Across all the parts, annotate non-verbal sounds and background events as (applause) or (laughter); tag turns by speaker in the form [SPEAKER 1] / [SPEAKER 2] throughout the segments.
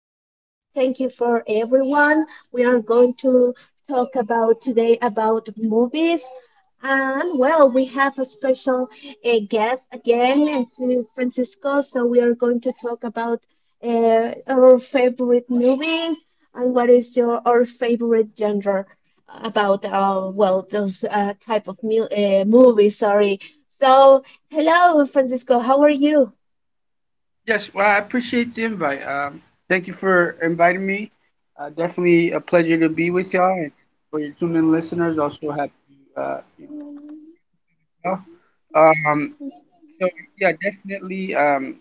[SPEAKER 1] Uh, Thank you for everyone. We are going to talk about movies. And well, we have a special guest again, and to Francisco. So we are going to talk about our favorite movies and what is your our favorite genre about those type of movies. Sorry. So hello, Francisco. How are you?
[SPEAKER 2] Yes, well, I appreciate the invite. Thank you for inviting me. Definitely a pleasure to be with y'all, and for your tuned-in listeners, also happy, to you know. You Um, so yeah, definitely. Um,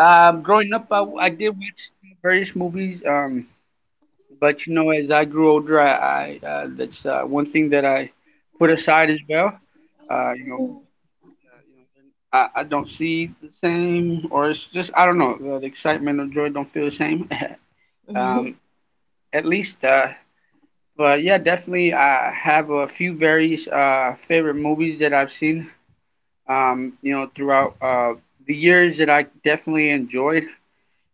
[SPEAKER 2] um, Growing up, I did watch various movies. But you know, as I grew older, I that's one thing that I put aside as well. Uh, you know,
[SPEAKER 1] hmm
[SPEAKER 2] I don't see the same, or it's just I don't know. The excitement or joy don't feel the same. um, at least but yeah, definitely I have a few very favorite movies that I've seen, you know, throughout the years that I definitely enjoyed,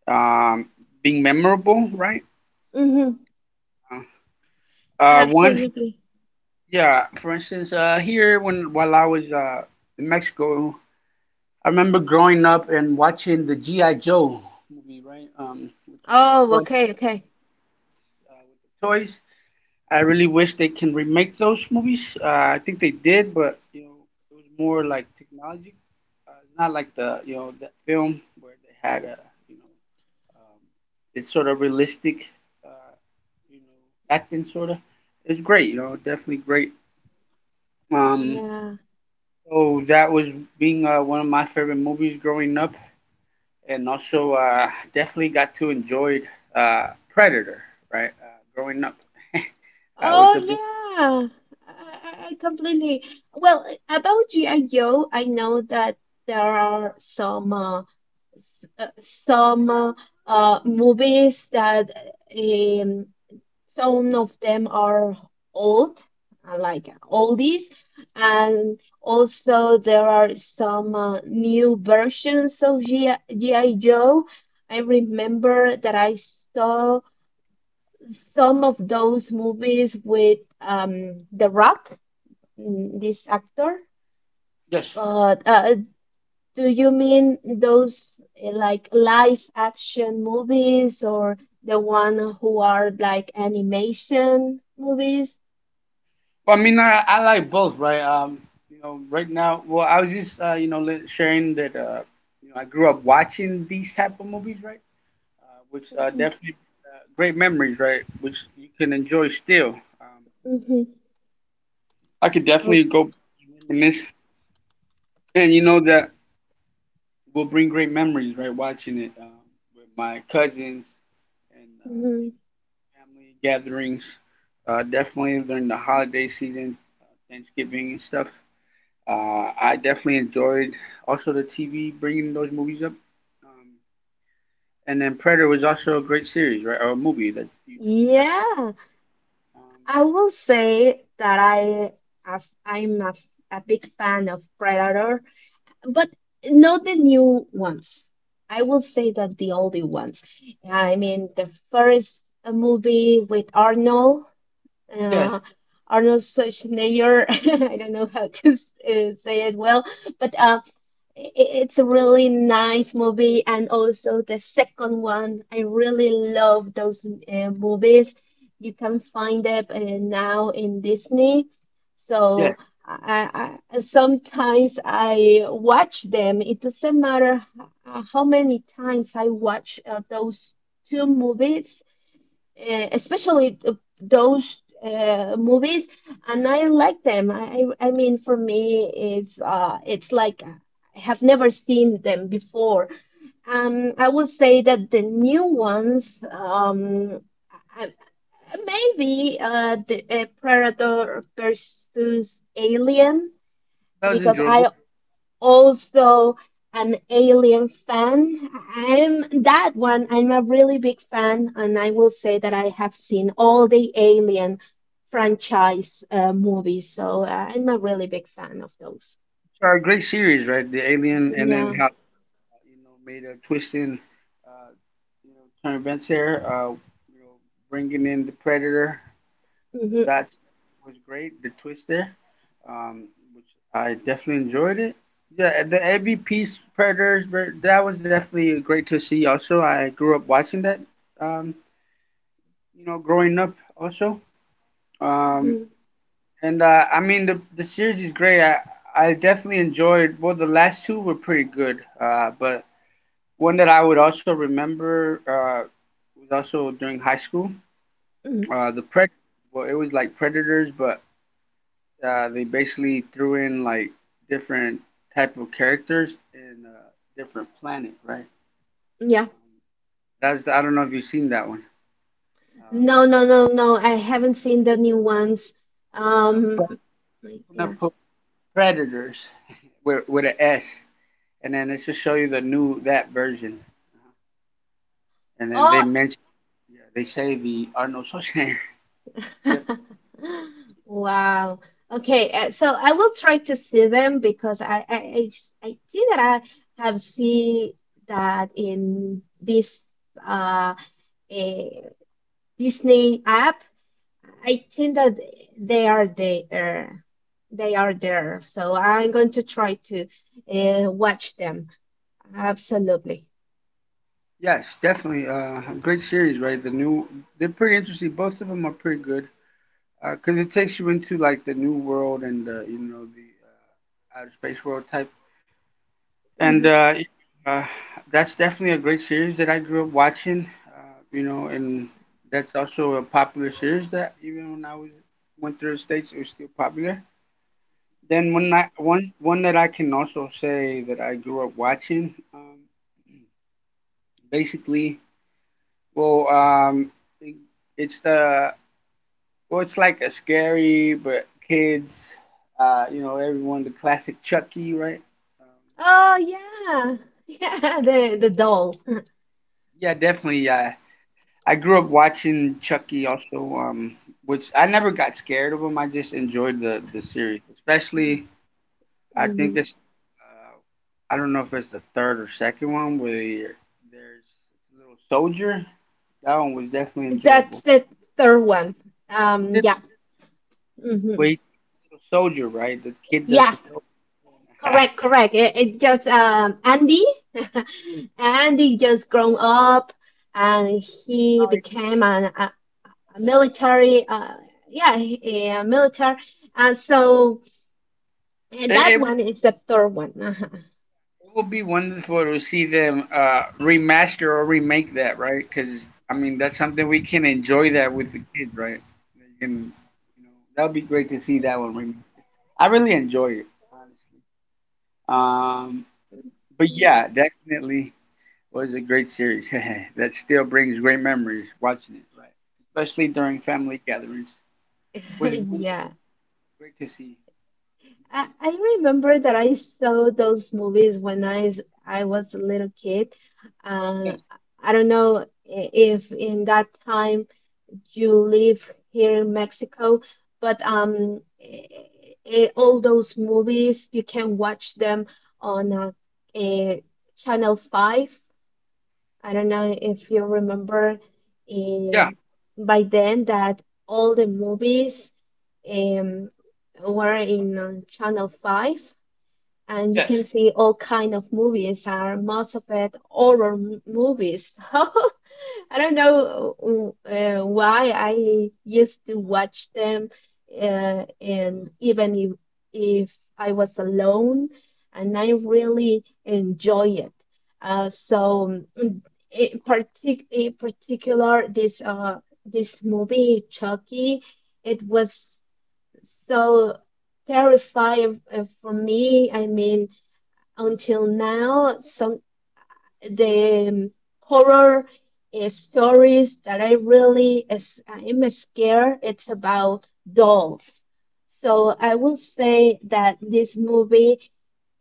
[SPEAKER 2] um, being memorable, right?
[SPEAKER 1] hmm
[SPEAKER 2] uh, one
[SPEAKER 1] Absolutely.
[SPEAKER 2] Yeah, for instance, here when while I was in Mexico, I remember growing up and watching the GI Joe movie, right? Which was
[SPEAKER 1] Oh,
[SPEAKER 2] fun,
[SPEAKER 1] okay, okay.
[SPEAKER 2] with the toys. I really wish they can remake those movies. I think they did, but you know, it was more like technology. It's not like the that film where they had a you know um, it's sort of realistic, uh, you know, acting sort of. It's great, you know, definitely great. Um,
[SPEAKER 1] Yeah.
[SPEAKER 2] so that was being one of my favorite movies growing up, and also definitely got to enjoy uh, Predator, right? Growing up, I
[SPEAKER 1] Oh,
[SPEAKER 2] was a big
[SPEAKER 1] yeah. I, I completely. Well, about G.I. Joe, I know that there are some some movies that um, some of them are old, like oldies, and also there are some new versions of G.I. Joe. I remember that I saw some of those movies with The Rock, this actor.
[SPEAKER 2] yes.
[SPEAKER 1] But do you mean those like live action movies or the one who are like animation movies?
[SPEAKER 2] Well, I mean, I like both, right? You know, right now, well, I was just, you know, li- sharing that, you know, I grew up watching these type of movies, right? Which
[SPEAKER 1] Mm-hmm.
[SPEAKER 2] definitely great memories, right? Which you can enjoy still.
[SPEAKER 1] Mm-hmm.
[SPEAKER 2] I could definitely go reminisce, and you know that will bring great memories, right? Watching it, with my cousins and
[SPEAKER 1] Mm-hmm.
[SPEAKER 2] you know, family gatherings. Definitely during the holiday season, Thanksgiving and stuff. I definitely enjoyed also the TV bringing those movies up. Um, and then Predator was also a great series, right? Or a movie that you definitely got.
[SPEAKER 1] Yeah,
[SPEAKER 2] Um,
[SPEAKER 1] I will say that I have- I'm a big fan of Predator, but not the new ones. I will say that the older ones. I mean, the first movie with Arnold.
[SPEAKER 2] yes,
[SPEAKER 1] uh, Arnold Schwarzenegger. (laughs) I don't know how to say it well, but it's a really nice movie. And also the second one, I really love those movies. You can find them now in Disney.
[SPEAKER 2] yes,
[SPEAKER 1] So sometimes I watch them. It doesn't matter h- how many times I watch those two movies especially those movies, and I like them. I mean, for me, it's like I have never seen them before. I would say that the new ones, I- I- maybe the Predator versus Alien,
[SPEAKER 2] that was
[SPEAKER 1] because
[SPEAKER 2] enjoyable.
[SPEAKER 1] I also an Alien fan. I'm that one. I'm a really big fan, and I will say that I have seen all the Alien franchise movies. So I'm a really big fan of those.
[SPEAKER 2] So a great series, right? The Alien, and then
[SPEAKER 1] Yeah.
[SPEAKER 2] how you know made a twist in, uh, you know, turn events there. You know, bringing in the Predator.
[SPEAKER 1] hmm
[SPEAKER 2] That was great. The twist there. um, which I definitely enjoyed it. Yeah, the AVP Predators, ver- that was definitely great to see. Also, I grew up watching that. Um, you know, growing up also. Um,
[SPEAKER 1] hmm
[SPEAKER 2] and I mean, the series is great. I definitely enjoyed. Well, the last two were pretty good. But one that I would also remember was also during high school.
[SPEAKER 1] hmm
[SPEAKER 2] The Pred. Well, it was like Predators, but uh, they basically threw in like different type of characters in a different planet, right?
[SPEAKER 1] Yeah.
[SPEAKER 2] Um, that's I don't know if you've seen that one. Uh,
[SPEAKER 1] No, no, no, no. I haven't seen the new ones.
[SPEAKER 2] with
[SPEAKER 1] Um,
[SPEAKER 2] the
[SPEAKER 1] yeah.
[SPEAKER 2] little pre- predators with an S, and then it's to show you the new that version, and then they
[SPEAKER 1] Oh.
[SPEAKER 2] mention yeah, they say the Arnold Schwarzenegger. (laughs) Yep.
[SPEAKER 1] (laughs) Wow. Okay, so I will try to see them because I think that I have seen that in this uh, eh, Disney app. I think that they are there. They are there. So I'm going to try to watch them. Absolutely.
[SPEAKER 2] Yes, definitely. A great series, right? The new they're pretty interesting. Both of them are pretty good because it takes you into like the new world and you know the outer space world type and
[SPEAKER 1] Mhm.
[SPEAKER 2] uh, that's definitely a great series that I grew up watching. You know, and that's also a popular series that even when I was went through the states, it was still popular. Then one that I can also say that I grew up watching, basically, well, um, it, it's the well, it's like a scary but kids, you know, everyone the classic Chucky, right? Um,
[SPEAKER 1] Oh yeah, (laughs) yeah. The doll. (laughs)
[SPEAKER 2] yeah, definitely. Yeah, I grew up watching Chucky also, which I never got scared of him. I just enjoyed the series, especially I think
[SPEAKER 1] Mhm.
[SPEAKER 2] it's I don't know if it's the third or second one where you're- there's it's a little soldier. That one was definitely
[SPEAKER 1] That's
[SPEAKER 2] enjoyable.
[SPEAKER 1] the third one.
[SPEAKER 2] Is it
[SPEAKER 1] Yeah. hmm
[SPEAKER 2] wait, little soldier, right? The kids as
[SPEAKER 1] Yeah.
[SPEAKER 2] a soldier.
[SPEAKER 1] Correct. Correct. It just Andy. (laughs) Andy just grown up, and he
[SPEAKER 2] (laughs)
[SPEAKER 1] became a military. Yeah, he- a military. And so and that
[SPEAKER 2] It,
[SPEAKER 1] one is the third one.
[SPEAKER 2] It would be wonderful to see them remaster or remake that, right? Because I mean, that's something we can enjoy that with the kids, right? They can, you know, that would be great to see that one remade. I really enjoy it, honestly. But
[SPEAKER 1] Uh-huh.
[SPEAKER 2] yeah, definitely was a great series. (laughs) That still brings great memories watching it, right? Especially during family gatherings.
[SPEAKER 1] (laughs)
[SPEAKER 2] Was great
[SPEAKER 1] yeah.
[SPEAKER 2] great to see. Mhm.
[SPEAKER 1] I remember that I saw those movies when I was a little kid. Uh, I don't know if in that time you live here in Mexico, but I all those movies you can watch them on eh, Channel 5. I don't know if you remember
[SPEAKER 2] Yes. Yeah.
[SPEAKER 1] eh, by then that all the movies um, were in Channel 5 and you
[SPEAKER 2] Yes.
[SPEAKER 1] can see all kind of movies are most of it horror movies. (laughs) I don't know why I used to watch them, and even if I was alone, and I really enjoy it. So in, in particular, this movie Chucky, it was so terrifying for me. I mean until now some the horror stories that I really is I'm scared. It's about dolls. So I will say that this movie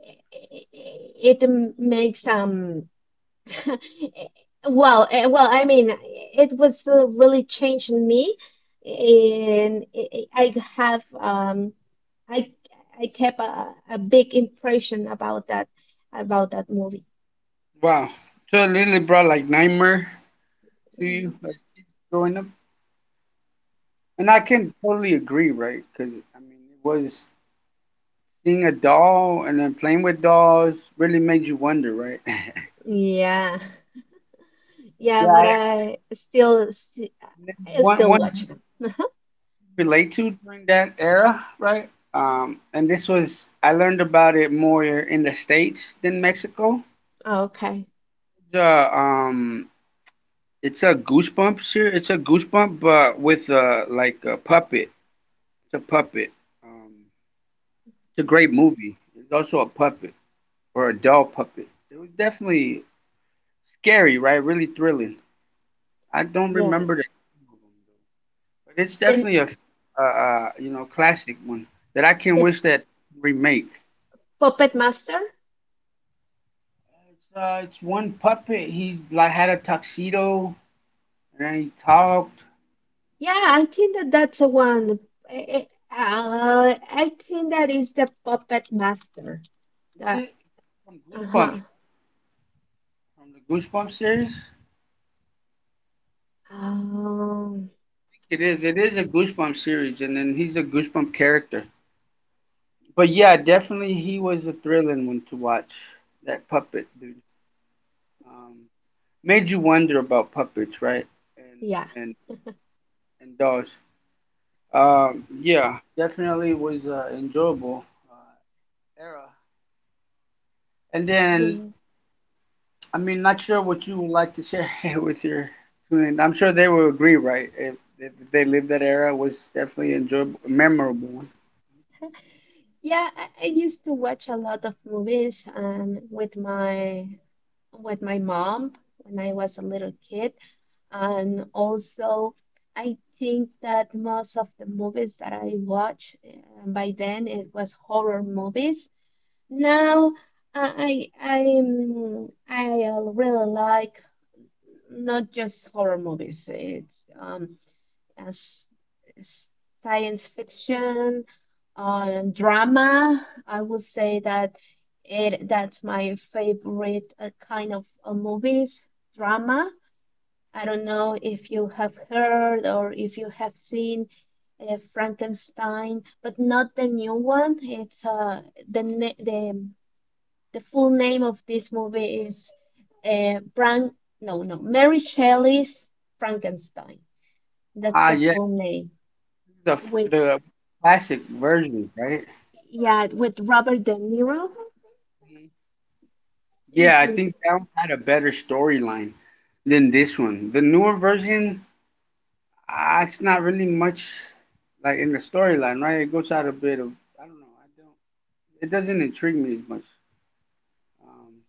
[SPEAKER 1] eh, eh, eh, it makes (laughs) well, I mean, it was really changing me, and I have I I kept a big impression about that movie.
[SPEAKER 2] Wow. So it literally brought like nightmare to you
[SPEAKER 1] Mhm.
[SPEAKER 2] like, growing up. And I can totally agree, right? Because I mean, it was seeing a doll and then playing with dolls really made you wonder, right? (laughs)
[SPEAKER 1] Yeah, yeah, yeah, but
[SPEAKER 2] Yeah, I-
[SPEAKER 1] I
[SPEAKER 2] one
[SPEAKER 1] still
[SPEAKER 2] one you
[SPEAKER 1] watch
[SPEAKER 2] can
[SPEAKER 1] them. Yeah.
[SPEAKER 2] relate to during that era, right? And this was I learned about it more in the states than Mexico.
[SPEAKER 1] Okay.
[SPEAKER 2] The um, it's a goosebump here. It's a goosebump, but with a like a puppet. It's a puppet. Um, it's a great movie. It's also a puppet or a doll puppet. It was definitely scary, right? Really thrilling. I don't
[SPEAKER 1] Yeah.
[SPEAKER 2] remember that, but it's definitely
[SPEAKER 1] Then
[SPEAKER 2] a, you know, classic one that I can
[SPEAKER 1] the
[SPEAKER 2] wish that remake.
[SPEAKER 1] Puppet Master.
[SPEAKER 2] It's one puppet. He like had a tuxedo and then he talked.
[SPEAKER 1] Yeah, I think that that's the one. I, I- I think that is the puppet master.
[SPEAKER 2] Is
[SPEAKER 1] That
[SPEAKER 2] it from Goosebumps?
[SPEAKER 1] uh-huh.
[SPEAKER 2] From the Goosebumps series?
[SPEAKER 1] Um,
[SPEAKER 2] It is. It is a Goosebumps series, and then he's a Goosebump character. But yeah, definitely he was a thrilling one to watch. That puppet dude um, made you wonder about puppets, right? And
[SPEAKER 1] yeah,
[SPEAKER 2] and and dolls. Yeah, definitely was enjoyable uh, era. And then,
[SPEAKER 1] yeah,
[SPEAKER 2] I mean, not sure what you would like to share (laughs) with your student. I'm sure they will agree, right? If they lived that era, it was definitely enjoyable, memorable one.
[SPEAKER 1] yeah. I used to watch a lot of movies with my mom when I was a little kid, and also I think that most of the movies that I watched by then it was horror movies. Now I really like not just horror movies. It's as s- science fiction, drama. I would say that it that's my favorite kind of movies, drama. I don't know if you have heard or if you have seen Frankenstein, but not the new one. It's the ne- the full name of this movie is Frank. No, no, Mary Shelley's Frankenstein. That's
[SPEAKER 2] Ah,
[SPEAKER 1] the
[SPEAKER 2] yeah,
[SPEAKER 1] full name. With
[SPEAKER 2] the classic versions, right?
[SPEAKER 1] yeah, with Robert De Niro.
[SPEAKER 2] Mhm. Yeah, I
[SPEAKER 1] Mhm.
[SPEAKER 2] think that one had a better storyline than this one. The newer version, ah, it's not really much like in the storyline, right? It goes out a bit of, I don't know, it doesn't intrigue me as much. Um,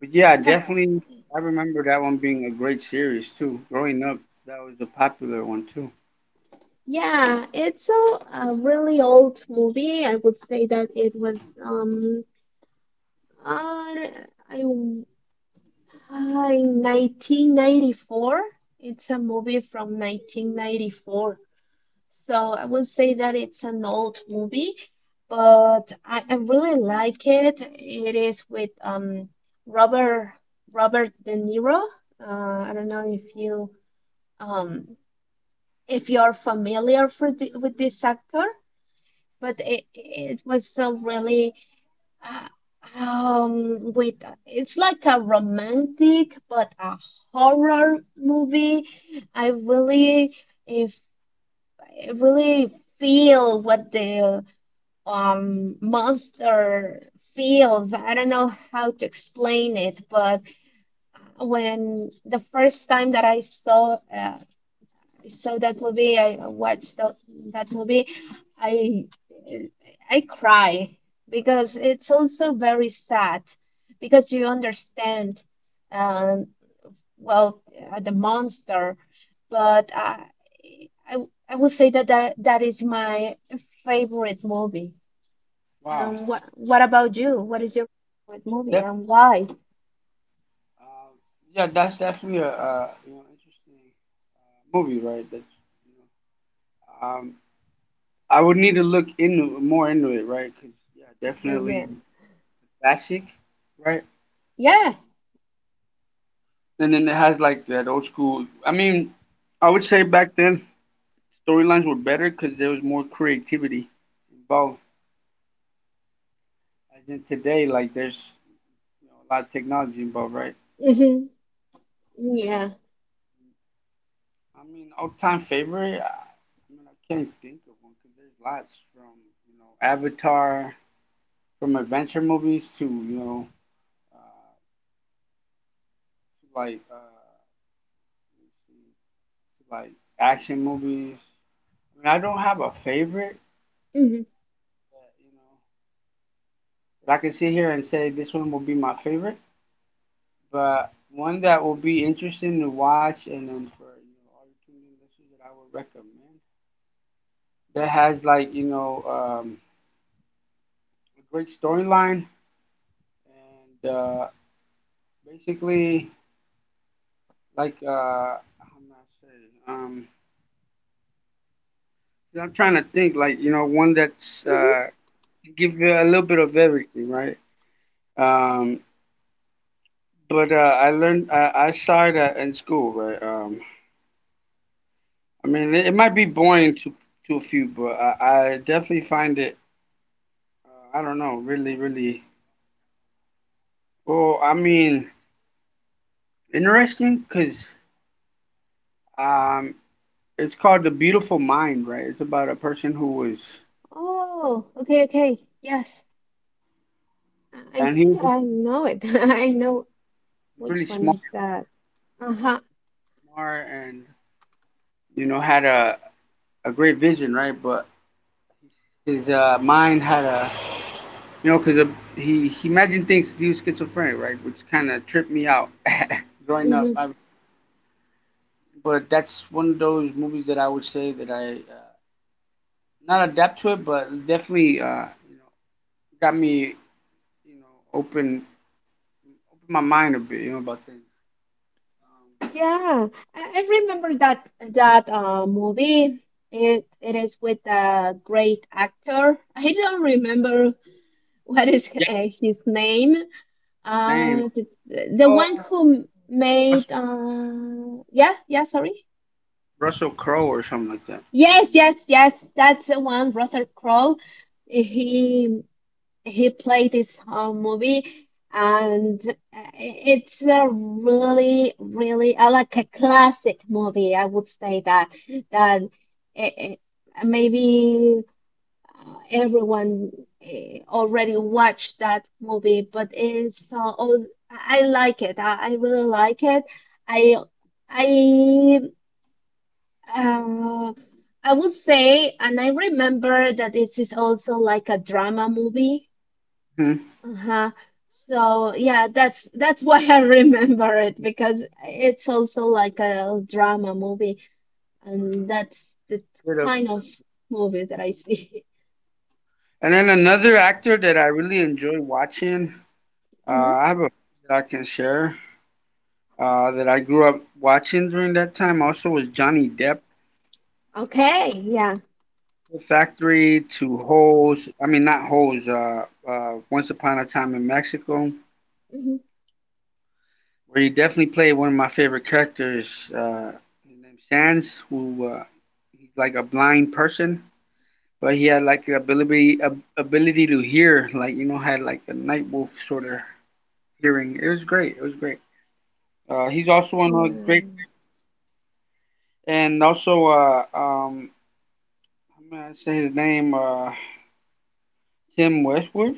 [SPEAKER 2] but yeah, I
[SPEAKER 1] Ha- (laughs)
[SPEAKER 2] definitely I remember that one being a great series too. Growing up, that was a popular one too. Right.
[SPEAKER 1] Yeah, it's a really old movie. I would say that it was uh, I, uh, in 1994. It's a movie from 1994. So I would say that it's an old movie, but I really like it. It is with Robert Robert De Niro. Uh, I don't know if you um if you're familiar for with this actor, but it was a really uh, with it's like a romantic but a horror movie. I really if I really feel what the monster feels. I don't know how to explain it, but when the first time that I saw that movie, I watched that movie, I I cry because it's also very sad because you understand um well the monster, but I I would say that that is my favorite movie.
[SPEAKER 2] Wow.
[SPEAKER 1] And what about you? What is your favorite movie
[SPEAKER 2] Def-
[SPEAKER 1] and why?
[SPEAKER 2] uh, yeah, that's definitely a you know interesting movie, right? That's you know, I would need to look into more into it, right? Because yeah,
[SPEAKER 1] (laughs) Yeah.
[SPEAKER 2] definitely classic, right?
[SPEAKER 1] Yeah.
[SPEAKER 2] Um, and then it has like that old school. I mean, I would say back then storylines were better because there was more creativity involved. As in today, like there's you know, a lot of technology involved, right? Um,
[SPEAKER 1] Mm-hmm. Yeah.
[SPEAKER 2] I mean, all-time favorite. I mean, I can't think of one because there's lots from you know Avatar, from adventure movies to you know uh, to like let's see, to like action movies. I mean, I don't have a favorite.
[SPEAKER 1] Mm-hmm.
[SPEAKER 2] That, you know, that I can sit here and say this one will be my favorite, but one that will be interesting to watch, and then for you know all your tuning listeners that I would recommend. That has like you know a great storyline and basically like how do I say yeah, I'm trying to think like you know one that's
[SPEAKER 1] Mm-hmm.
[SPEAKER 2] give you a little bit of everything, right? Um, but I learned I saw it in school, right? I mean it, it might be boring to a few, but I definitely find it I don't know really really well I mean interesting because. Um, It's called The Beautiful Mind, right? It's about a person who was,
[SPEAKER 1] Oh, okay, okay. Yes. I
[SPEAKER 2] and he
[SPEAKER 1] think that
[SPEAKER 2] was
[SPEAKER 1] I know it. (laughs) I know
[SPEAKER 2] really
[SPEAKER 1] which one
[SPEAKER 2] smart,
[SPEAKER 1] is that. Uh-huh.
[SPEAKER 2] smart and, you know, had a great vision, right? But his mind had a, you know, because he imagined things, he was schizophrenic, right? Which kind of tripped me out (laughs) growing up.
[SPEAKER 1] Mm-hmm.
[SPEAKER 2] I, but that's one of those movies that I would say that I, not adapt to it, but definitely, you know, got me, you know, open, open my mind a bit, you know, about things. Um,
[SPEAKER 1] Yeah. I remember that movie. It is with a great actor. I don't remember (laughs) what is
[SPEAKER 2] yeah,
[SPEAKER 1] his name,
[SPEAKER 2] name.
[SPEAKER 1] Uh, the, the
[SPEAKER 2] Oh,
[SPEAKER 1] one who
[SPEAKER 2] Russ
[SPEAKER 1] made, yeah, yeah, sorry.
[SPEAKER 2] Russell Crowe or something like that.
[SPEAKER 1] Yes,
[SPEAKER 2] Um,
[SPEAKER 1] yes, yes. That's the one, Russell Crowe. He he played this whole movie, and it's a really, really like a classic movie. I would say that that it, maybe uh, everyone uh, already watched that movie, but it's I like it. I really like it. I I uh, I would say, and I remember that it is also like a drama movie.
[SPEAKER 2] mhm.
[SPEAKER 1] Uh-huh. So yeah, that's (laughs) why I remember it because it's also like a drama movie, and that's the kind of movies that I see. (laughs)
[SPEAKER 2] And then another actor that I really enjoy watching,
[SPEAKER 1] Mhm.
[SPEAKER 2] I have a few that I can share that I grew up watching during that time also was Johnny Depp.
[SPEAKER 1] Okay,
[SPEAKER 2] Um,
[SPEAKER 1] yeah.
[SPEAKER 2] The Factory to Holes, I mean, not Holes, Once Upon a Time in Mexico,
[SPEAKER 1] Mhm.
[SPEAKER 2] where he definitely played one of my favorite characters, his name's Sands, who he's like a blind person but he had like the ability ability to hear, like you know, had like a night wolf sort of hearing. It was great. It was great. He's also on a great
[SPEAKER 1] Yeah.
[SPEAKER 2] and also I'm gonna say his name Tim Westwood.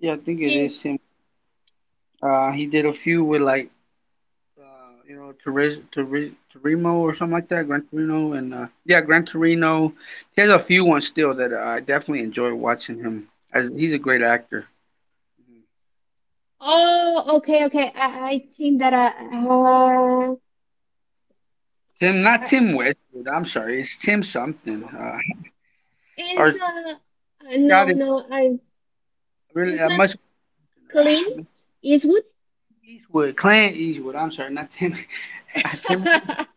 [SPEAKER 2] Yeah, I think it
[SPEAKER 1] Team.
[SPEAKER 2] is Tim. He did a few with like Toriz Toriz Torimo or something like that, Gran Torino and yeah, Gran Torino. He has a few ones still that I definitely enjoy watching him as he's a great actor.
[SPEAKER 1] Oh, okay, okay. I think that uh,
[SPEAKER 2] Tim, not
[SPEAKER 1] I-
[SPEAKER 2] Tim Westwood. I'm sorry, it's Tim something. Or I
[SPEAKER 1] it's
[SPEAKER 2] forgot
[SPEAKER 1] no,
[SPEAKER 2] it
[SPEAKER 1] no. I
[SPEAKER 2] really
[SPEAKER 1] it's not
[SPEAKER 2] much.
[SPEAKER 1] clean.
[SPEAKER 2] ah,
[SPEAKER 1] It's wood.
[SPEAKER 2] Eastwood, Clint Eastwood. I'm sorry, not Tim. (laughs) Not Tim.
[SPEAKER 1] (laughs)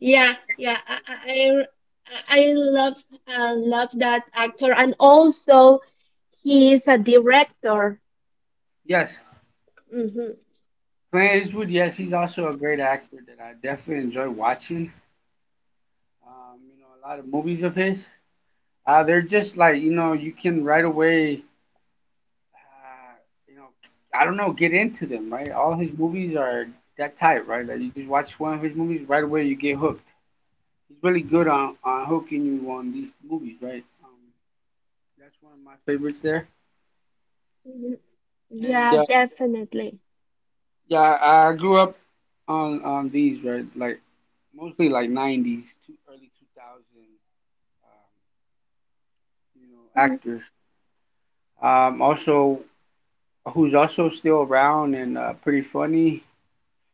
[SPEAKER 1] Yeah, yeah. I love, love that actor, and also he is a director.
[SPEAKER 2] Yes,
[SPEAKER 1] Mm-hmm.
[SPEAKER 2] Clint Eastwood. Yes, he's also a great actor that I definitely enjoy watching. A lot of movies of his. They're just like you can right away. Uh, you know, I don't know, get into them, right? All his movies are that type, right? Like you just watch one of his movies, right away you get hooked. He's really good on hooking you on these movies, right? That's one of my favorites there.
[SPEAKER 1] Mhm.
[SPEAKER 2] And
[SPEAKER 1] Yeah, definitely.
[SPEAKER 2] yeah, I grew up on these, right? Like mostly like '90s, two, early 2000, um,
[SPEAKER 1] hmm
[SPEAKER 2] actors. Also, who's also still around and pretty funny.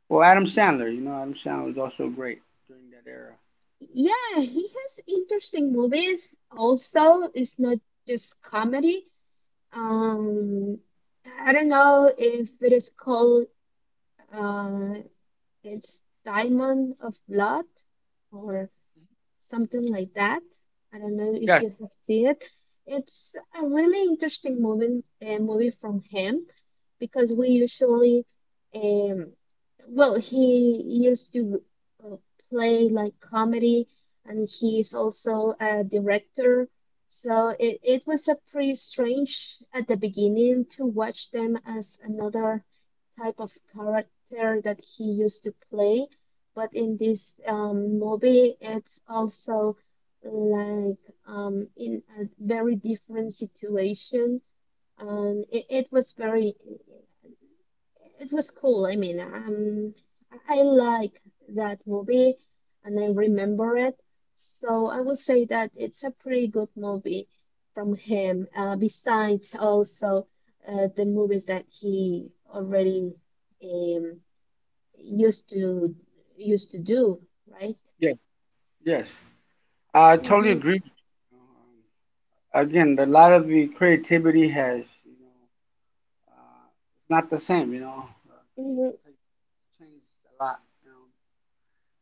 [SPEAKER 2] Well, Adam Sandler, Adam Sandler was also great during that era.
[SPEAKER 1] Yeah, he has interesting movies. Also, it's not just comedy. Um, I don't know if it is called uh, it's Diamond of Blood or something like that. I don't know
[SPEAKER 2] Yes,
[SPEAKER 1] if you have seen it. It's a really interesting movie, movie from him because we usually um he used to uh, play like comedy and he's also a director so it was a pretty strange at the beginning to watch them as another type of character that he used to play but in this movie it's also like in a very different situation and it was very it was cool. I mean, I like that movie and I remember it. So I will say that it's a pretty good movie from him. Besides also the movies that he already um, used to used to do, right?
[SPEAKER 2] yes, yes. I totally
[SPEAKER 1] hmm
[SPEAKER 2] agree. Again, a lot of the creativity has, Uh, it's not the same, 'Cause
[SPEAKER 1] hmm
[SPEAKER 2] changed a lot. Um,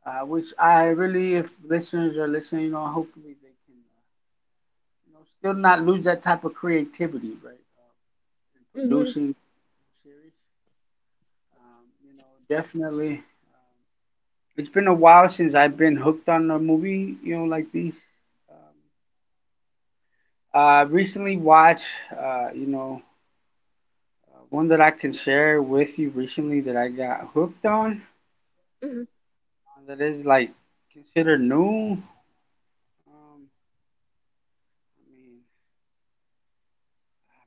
[SPEAKER 2] which I really, if listeners are listening, hopefully they can, still not lose that type of creativity, right? In
[SPEAKER 1] hmm
[SPEAKER 2] producing series, definitely. It's been a while since I've been hooked on a movie, like these. Um, I recently watched, uh, you know, one that I can share with you recently that I got hooked on.
[SPEAKER 1] hmm
[SPEAKER 2] That is like considered new. Um, I mean,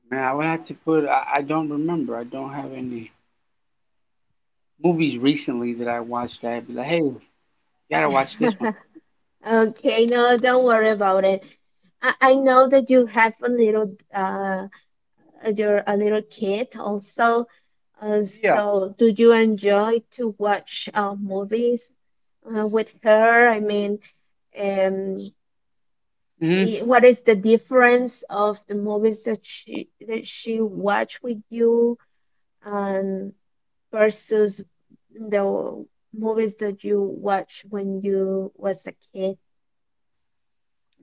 [SPEAKER 2] man, I would have to put. I don't remember. I don't have any movies recently that I watched. That I'd be like, hey, you gotta watch this one.
[SPEAKER 1] (laughs) Okay, no, don't worry about it. I,
[SPEAKER 2] Uh,
[SPEAKER 1] I know that you have a little you're a little kid also.
[SPEAKER 2] yeah.
[SPEAKER 1] So do you enjoy to watch movies with her? I mean, um,
[SPEAKER 2] Yes. Mm-hmm.
[SPEAKER 1] what is the difference of the movies that she watch with you and versus the movies that you watch when you was a kid?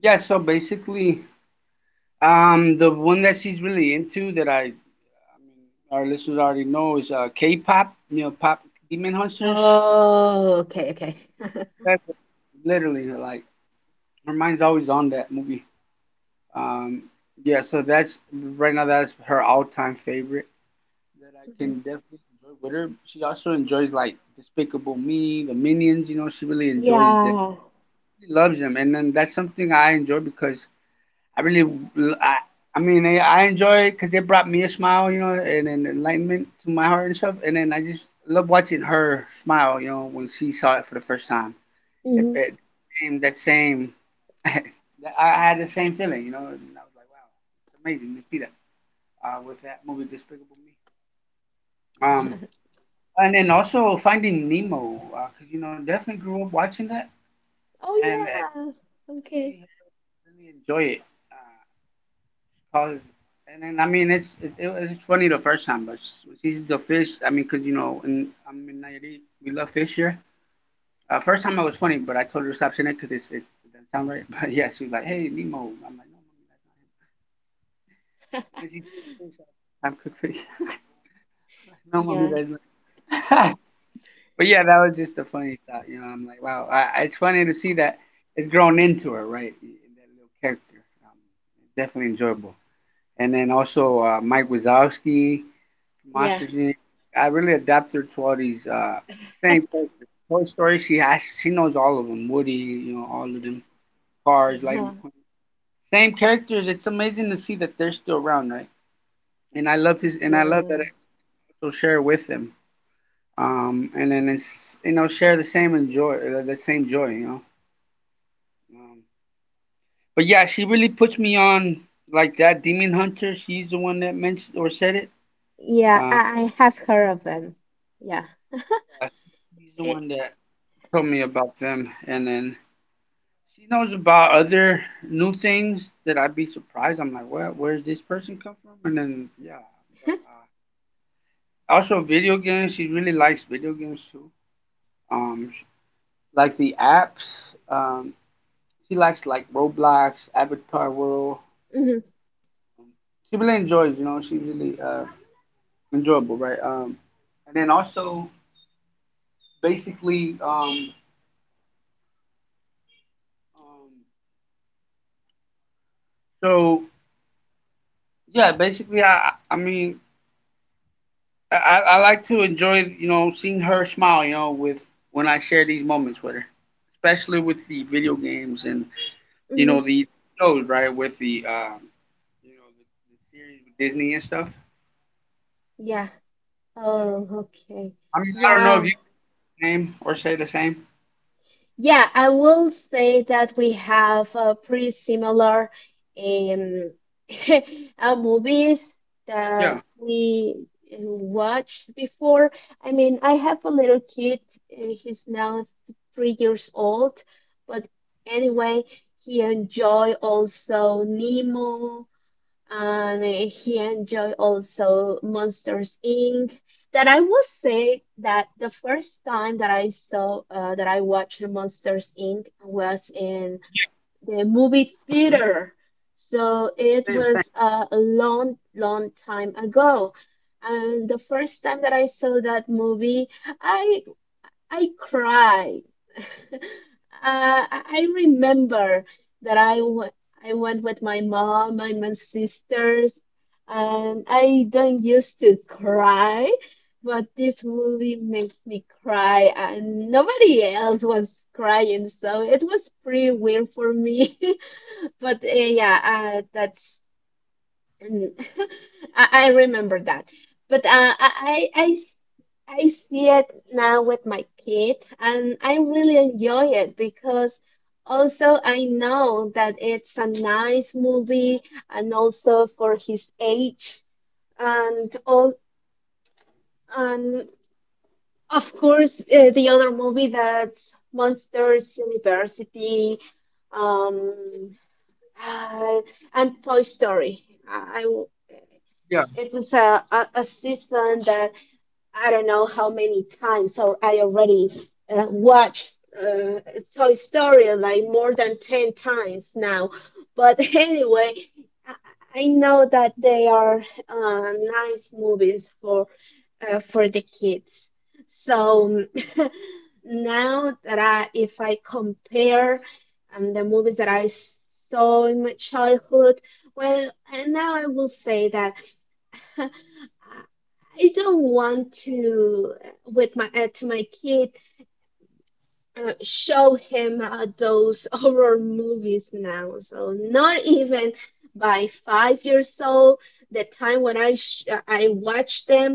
[SPEAKER 2] Yeah. So basically, the one that she's really into that I mean, our listeners already know is K-pop. Pop Demon Hunters.
[SPEAKER 1] Oh, okay, okay.
[SPEAKER 2] That's literally like her mind's always on that movie. Um, yeah, so that's right now that's her all-time favorite that
[SPEAKER 1] (laughs)
[SPEAKER 2] I
[SPEAKER 1] Mhm.
[SPEAKER 2] can definitely enjoy with her. She also enjoys like Despicable Me, the Minions. She really enjoys them.
[SPEAKER 1] Yeah.
[SPEAKER 2] She loves them, and then that's something I enjoy because I really, I mean, I enjoy because it brought me a smile, and enlightenment to my heart and stuff. And then I just love watching her smile, when she saw it for the first time. It,
[SPEAKER 1] Mhm.
[SPEAKER 2] it same that same (laughs) I had the same feeling, and I was like, wow, it's amazing to see that with that movie Despicable Me. Um,
[SPEAKER 1] (laughs)
[SPEAKER 2] and then also Finding Nemo, because definitely grew up watching that
[SPEAKER 1] Oh,
[SPEAKER 2] and
[SPEAKER 1] yeah. Okay.
[SPEAKER 2] you really enjoy it. Uh, 'cause- and then I mean, it's it, it, was- it's funny the first time, but she's the fish. I mean, because in I'm in Nayarit, we love fish here. First time it was funny, but I told her to stop saying it because it doesn't sound right. (laughs) But yeah, she was like, "Hey, Nemo." I'm like, "No, mommy, that's not him."
[SPEAKER 1] (laughs)
[SPEAKER 2] When she said fish, I'm cooked fish. (laughs) (laughs) No, mommy
[SPEAKER 1] Yeah,
[SPEAKER 2] doesn't. (laughs) But yeah, that was just a funny thought. I'm like, wow, it's funny to see that it's grown into her, right? That little character, definitely enjoyable. And then also Mike Wazowski,
[SPEAKER 1] yeah.
[SPEAKER 2] Monsters Inc. I really adapted her to all these same
[SPEAKER 1] (laughs)
[SPEAKER 2] characters. Toy Story, she knows all of them. Woody, all of them. Cars, Lightning
[SPEAKER 1] Uh-huh.
[SPEAKER 2] McQueen, same characters. It's amazing to see that they're still around, right? And I love this, and I love that I
[SPEAKER 1] Yeah.
[SPEAKER 2] also share with them. And then it's share the same enjoy same joy. Um, but yeah, she really puts me on like that. Demon Hunter, she's the one that mentioned or said it.
[SPEAKER 1] Yeah,
[SPEAKER 2] Uh,
[SPEAKER 1] I, I have heard of them. Yeah.
[SPEAKER 2] yeah, she's the
[SPEAKER 1] It,
[SPEAKER 2] one that told me about them, and then she knows about other new things that I'd be surprised. I'm like, where's this person come from? And then yeah, but,
[SPEAKER 1] (laughs)
[SPEAKER 2] also video games. She really likes video games too. Um, sh- like the apps. She likes like Roblox, Avatar World.
[SPEAKER 1] hmm
[SPEAKER 2] She really enjoys, she really enjoyable, right? And then also basically, um, so yeah, basically, I mean, I like to enjoy, seeing her smile, with when I share these moments with her, especially with the video games and
[SPEAKER 1] hmm
[SPEAKER 2] the shows, right? With the the series with Disney and stuff.
[SPEAKER 1] Yeah.
[SPEAKER 2] Yeah.
[SPEAKER 1] Oh, okay.
[SPEAKER 2] I mean, I don't know if
[SPEAKER 1] Yeah.
[SPEAKER 2] you name or say the same.
[SPEAKER 1] Yeah, I will say that we have pretty similar um, (laughs) movies that
[SPEAKER 2] Yeah.
[SPEAKER 1] we watched before. I mean, I have a little kid. He's now 3 years old, but anyway, he enjoy also Nemo and he enjoyed also Monsters Inc. That I will say that the first time that I saw that I watched Monsters Inc. was in the movie
[SPEAKER 2] Yeah.
[SPEAKER 1] theater, so
[SPEAKER 2] Same,
[SPEAKER 1] it
[SPEAKER 2] same.
[SPEAKER 1] was a long, long time ago. And the first time that I saw that movie, I I cried. (laughs) I remember that I went with my mom and my sisters, and I don't used to cry, but this movie makes me cry, and nobody else was crying, so it was pretty weird for me. (laughs) But yeah, that's. And (laughs) I remember that. But I, I, I s- I see it now with my kid, and I really enjoy it because also I know that it's a nice movie, and also for his age, and all, and of course the other movie that's Monsters University, um, uh, and Toy Story.
[SPEAKER 2] Yeah.
[SPEAKER 1] It was a season that I don't know how many times So I already watched Toy Story like more than 10 times now. But (laughs) anyway, I I know that they are nice movies for the kids. So (laughs) now if I compare the movies that I saw in my childhood, well, and now I will say that. (laughs) I don't want to with my to my kid show him those (laughs) horror movies now. So not even by 5 years old, the time when I watch them,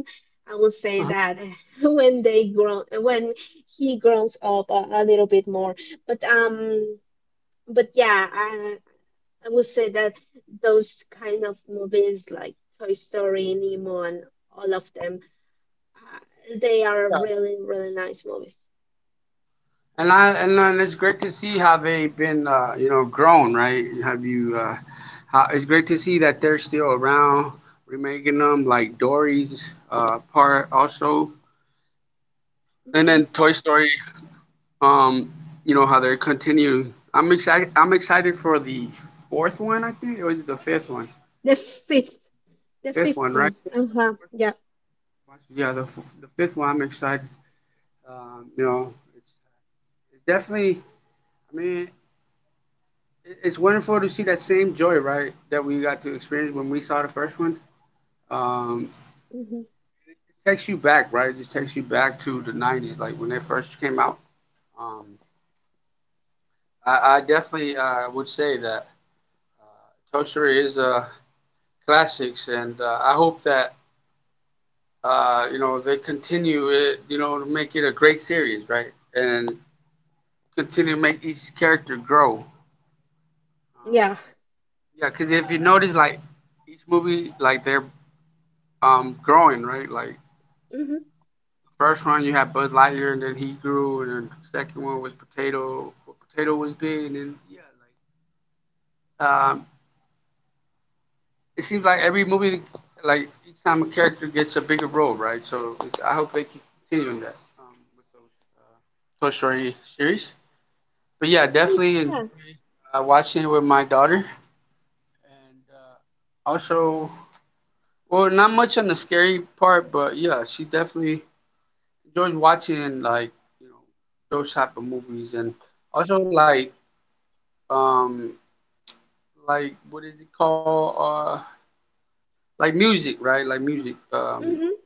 [SPEAKER 1] I will say
[SPEAKER 2] Uh-huh.
[SPEAKER 1] that (laughs) when he grows up a little bit more. But yeah, I will say that those kind of movies like Toy Story, Nemo, and all of them. They are really, really nice movies.
[SPEAKER 2] And it's great to see how they've been, grown, right? Have you? It's great to see that they're still around. We're making them like Dory's part also, and
[SPEAKER 1] Hmm.
[SPEAKER 2] then Toy Story. Um, you know how they're continuing. I'm excited. I'm excited for the fourth one. I think or is it the fifth one?
[SPEAKER 1] The fifth, the
[SPEAKER 2] Fifth
[SPEAKER 1] fifth
[SPEAKER 2] one, right?
[SPEAKER 1] one. Uh huh. Yeah.
[SPEAKER 2] Yeah, the fifth one. I'm excited. Um, you know, it's, it's definitely. I mean, it's wonderful to see that same joy, right, that we got to experience when we saw the first one. Um,
[SPEAKER 1] Hmm.
[SPEAKER 2] it takes you back, right? It just takes you back to the '90s, like when they first came out. Um, I definitely would say that Toy Story is a classics, and I hope that they continue it, to make it a great series, right, and continue to make each character grow. Um,
[SPEAKER 1] Yeah.
[SPEAKER 2] yeah, because if you notice, like each movie, like they're growing, right, like
[SPEAKER 1] Hmm.
[SPEAKER 2] first one you had Buzz Lightyear, and then he grew, and then the second one was Potato. Well, Potato was big, and then yeah, like it seems like every movie, like each time a character gets a bigger role, right? So it's, I hope they keep continuing that with those Toy Story series. But yeah, definitely enjoy
[SPEAKER 1] Yeah.
[SPEAKER 2] watching it with my daughter, and also, well, not much on the scary part, but yeah, she definitely enjoys watching like those type of movies, and also um like what is it called like music, right? Like music,
[SPEAKER 1] Hmm.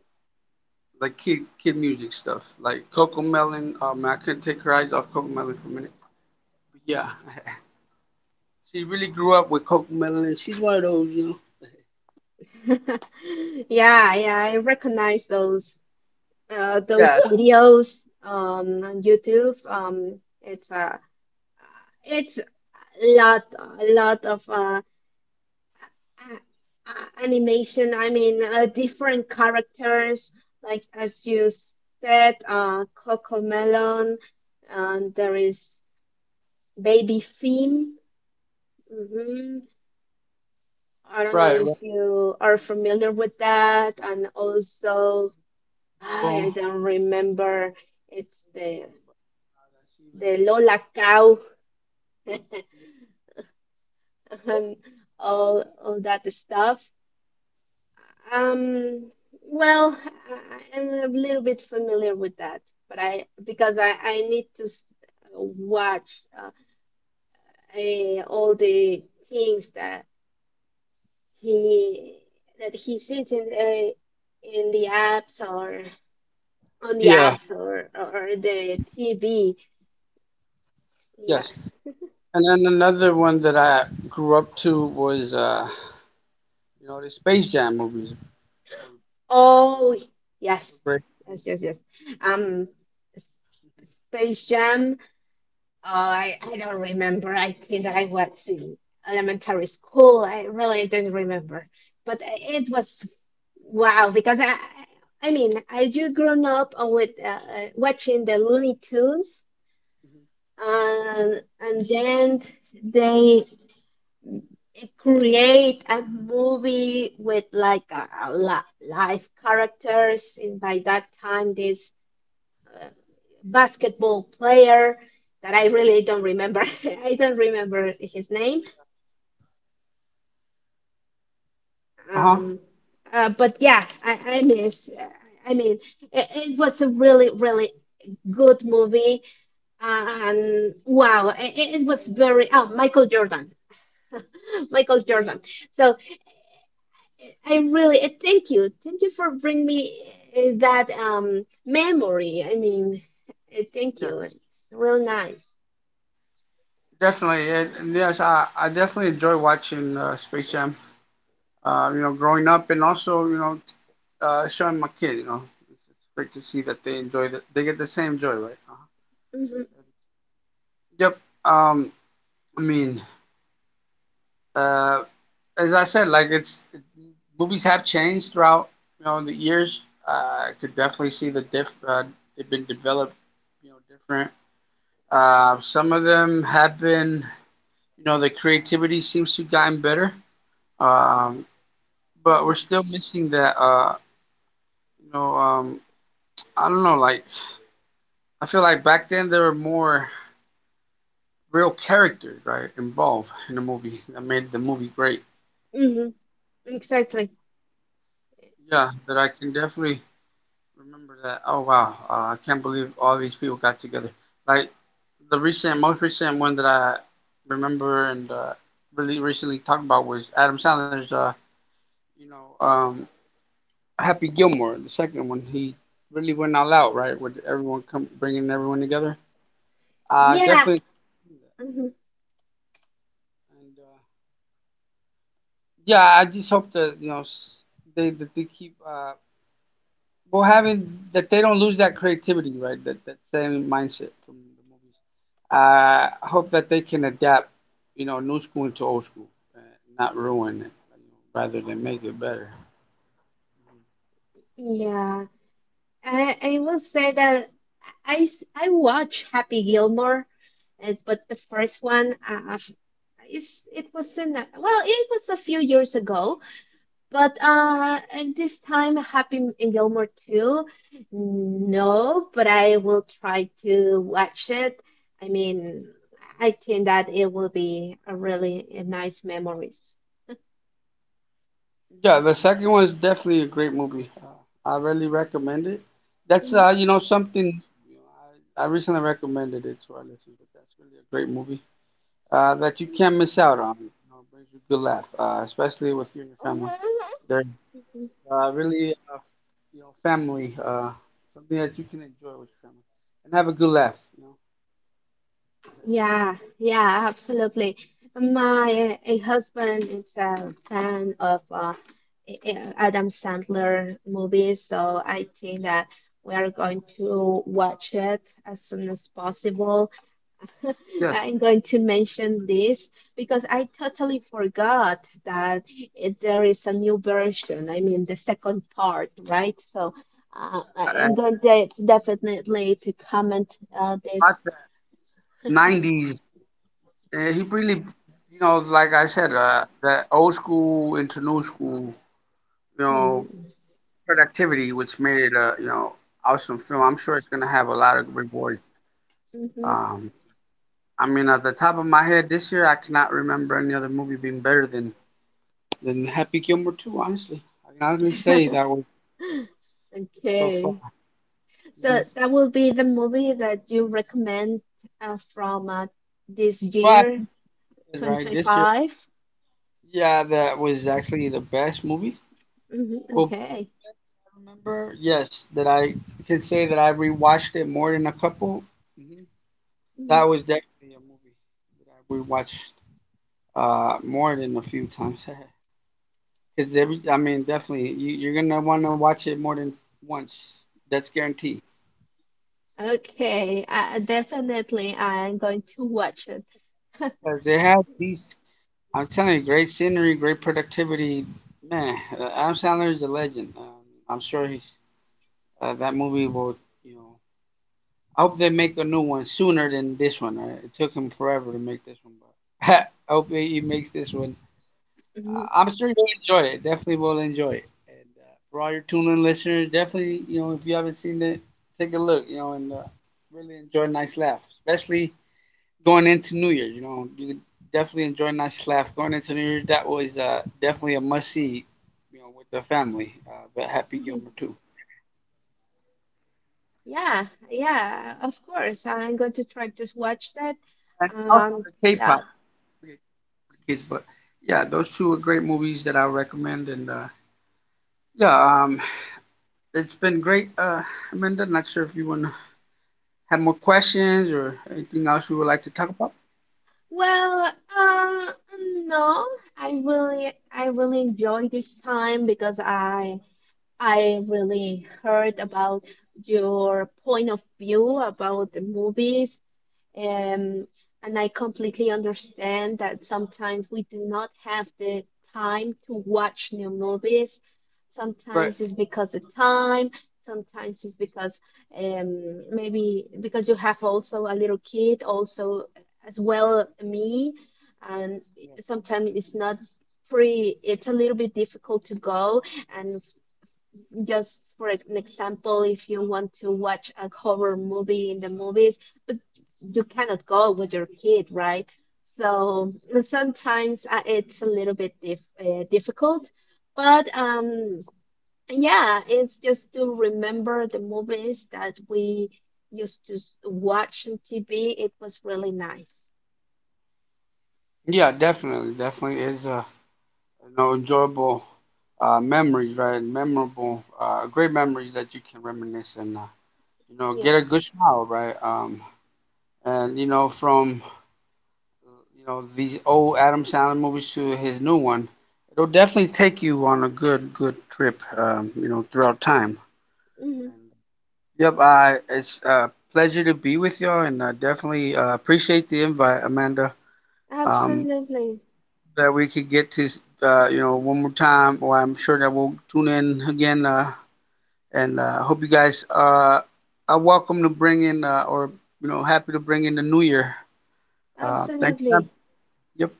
[SPEAKER 2] like kid music stuff like coco melon. I couldn't take her eyes off coco melon for a minute, but yeah. (laughs) She really grew up with coco melon and she's one of those.
[SPEAKER 1] (laughs) Yeah. Yeah, I recognize those
[SPEAKER 2] Yeah.
[SPEAKER 1] videos on YouTube. It's a lot of animation. I mean, different characters like as you said, uh, coco melon, and there is baby Finn. Hmm. I don't know
[SPEAKER 2] Right, right.
[SPEAKER 1] if you are familiar with that. And also, I
[SPEAKER 2] So,
[SPEAKER 1] don't remember, it's the
[SPEAKER 2] she
[SPEAKER 1] the
[SPEAKER 2] really
[SPEAKER 1] lola
[SPEAKER 2] enjoyed
[SPEAKER 1] cow. (laughs) And all that stuff. Um, well, I am a little bit familiar with that, but I because I need to s- watch, all the things he that he sees in the apps, or on
[SPEAKER 2] it.
[SPEAKER 1] the
[SPEAKER 2] Yeah,
[SPEAKER 1] apps, or the TV. Yeah.
[SPEAKER 2] yes. And then another one that I grew up to was, the Space Jam movies.
[SPEAKER 1] Oh, yes. Yes, yes, yes. Um, S- Space Jam. Oh, I don't remember. I think that I was in elementary school. I really don't remember. But it was wow, because I mean, I do grown up with watching the Looney Tunes, and then they create a movie with like live characters, and by that time this uh, basketball player that I really don't remember. (laughs) I don't remember his name.
[SPEAKER 2] Uh huh.
[SPEAKER 1] Um, but yeah, I miss. I mean, it was a really, really good movie. And wow, it was very. Oh, Michael Jordan. (laughs) Michael Jordan. So I really, thank you. Thank you for bringing me, that memory. I mean, thank
[SPEAKER 2] Yes,
[SPEAKER 1] you. It's real nice.
[SPEAKER 2] definitely. And yes, I definitely enjoy watching Space Jam. Growing up and also, showing my kid, it's great to see that they enjoy they get the same joy, right?
[SPEAKER 1] Mhm.
[SPEAKER 2] Yep. Um, I mean, uh, as I said, like it's movies have changed throughout, the years. I could definitely see the diff. They've been developed, different. Some of them have been, the creativity seems to have gotten better. Um, but we're still missing that uh you know um i don't know, like I feel like back then there were more real characters, right, involved in the movie that made the movie great.
[SPEAKER 1] Mhm. Exactly.
[SPEAKER 2] Yeah, that I can definitely remember that. Oh wow, I can't believe all these people got together, like the recent most recent one that I remember and really recently talked about was Adam Sandler's you know um Happy Gilmore the second one. He really went all out, right, with everyone come bringing everyone together.
[SPEAKER 1] Yeah.
[SPEAKER 2] Definitely.
[SPEAKER 1] Mhm.
[SPEAKER 2] And yeah, I just hope that you know s- they that they keep well having that they don't lose that creativity, right? That same mindset from the movies. I hope that they can adapt, new school into old school, and not ruin it, rather than make it better.
[SPEAKER 1] Yeah, I will say that I watch Happy Gilmore, but the first one, is, it was in, well, it was a few years ago, but and this time Happy Gilmore 2, no, but I will try to watch it. I mean, I think that it will be a really nice memories.
[SPEAKER 2] Yeah, the second one is definitely a great movie. I really recommend it. That's
[SPEAKER 1] Mhm.
[SPEAKER 2] something know, I recently recommended it to our listeners, but that's really a great movie. That you can't miss out on. It brings you a good laugh, especially with you and your family. They're really, family, something that you can enjoy with your family and have a good laugh. You know.
[SPEAKER 1] Yeah, yeah, absolutely. My husband is a fan of Adam Sandler movies, so I think that we are going to watch it as soon as possible. (laughs)
[SPEAKER 2] Yes,
[SPEAKER 1] I'm going to mention this because I totally forgot that there is a new version. I mean, the second part, right? So I'm
[SPEAKER 2] and
[SPEAKER 1] going to definitely to comment
[SPEAKER 2] watch
[SPEAKER 1] this.
[SPEAKER 2] that '90s. He really, like I said, that old school into new school, you know, productivity, which made it awesome film. I'm sure it's gonna have a lot of reward.
[SPEAKER 1] Mhm.
[SPEAKER 2] Um, I mean, at the top of my head, this year I cannot remember any other movie being better than Happy Gilmore too. Honestly, I can honestly say that
[SPEAKER 1] (laughs)
[SPEAKER 2] was so
[SPEAKER 1] Okay.
[SPEAKER 2] far. Mhm.
[SPEAKER 1] So that will be the movie that you recommend from this
[SPEAKER 2] Well,
[SPEAKER 1] year,
[SPEAKER 2] right this year,
[SPEAKER 1] 2025.
[SPEAKER 2] yeah, that was actually the best movie.
[SPEAKER 1] Hmm.
[SPEAKER 2] But
[SPEAKER 1] Okay.
[SPEAKER 2] I remember, yes, that I can say that I rewatched it more than a couple. Hmm. That
[SPEAKER 1] Mhm.
[SPEAKER 2] was definitely a movie that I rewatched more than a few times. (laughs) Because every, I mean, definitely you're gonna want to watch it more than once. That's guaranteed.
[SPEAKER 1] Okay. Definitely, I'm going to watch it.
[SPEAKER 2] Because it has these, I'm telling you, great scenery, great productivity. Man, Adam Sandler is a legend. I'm sure he's that movie will, you know. I hope they make a new one sooner than this one. It took him forever to make this one, but (laughs) I hope he makes this one.
[SPEAKER 1] Mhm.
[SPEAKER 2] I'm sure you'll enjoy it. Definitely will enjoy it. And for all your tune-in listeners, definitely, if you haven't seen it, take a look, and really enjoy a nice laugh, especially going into New Year. You can definitely enjoy a nice laugh going into New Year. That was definitely a must see. With the family, the Happy
[SPEAKER 1] Mhm.
[SPEAKER 2] Gilmore too,
[SPEAKER 1] Yeah, yeah, of course. I'm going to try to watch that.
[SPEAKER 2] and also the
[SPEAKER 1] Yeah.
[SPEAKER 2] K-pop for the kids. But yeah, those two are great movies that I recommend. And yeah, it's been great, Amanda. Not sure if you want to have more questions or anything else we would like to talk about.
[SPEAKER 1] Well, uh, no, I really enjoy this time because I really heard about your point of view about the movies, um, and I completely understand that sometimes we do not have the time to watch new movies. Sometimes
[SPEAKER 2] Right.
[SPEAKER 1] it's because of time, sometimes it's because maybe because you have also a little kid, also as well me, and sometimes it's not free. It's a little bit difficult to go, and just for an example, if you want to watch a horror movie in the movies, but you cannot go with your kid, right? So sometimes it's a little bit difficult, but yeah, it's just to remember the movies that we used to watch on TV. It was really nice.
[SPEAKER 2] Yeah, definitely, definitely is a enjoyable memories, right? Memorable, great memories that you can reminisce and,
[SPEAKER 1] Yeah.
[SPEAKER 2] get a good smile, right? And, from, these old Adam Sandler movies to his new one, it'll definitely take you on a good, good trip, throughout time.
[SPEAKER 1] Hmm.
[SPEAKER 2] And, yep, it's a pleasure to be with y'all and I definitely appreciate the invite, Amanda, um,
[SPEAKER 1] Absolutely,
[SPEAKER 2] that we could get to, one more time, or I'm sure that we'll tune in again. And I hope you guys are welcome to bring in or happy to bring in the new year. Thank God.
[SPEAKER 1] absolutely.
[SPEAKER 2] Yep.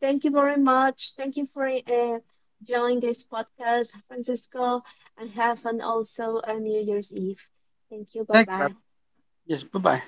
[SPEAKER 1] Thank you very much. Thank you for joining this podcast, Francisco, and have an also a New Year's Eve. Thank you. Bye
[SPEAKER 2] Thank God.
[SPEAKER 1] bye.
[SPEAKER 2] Yes. Bye bye.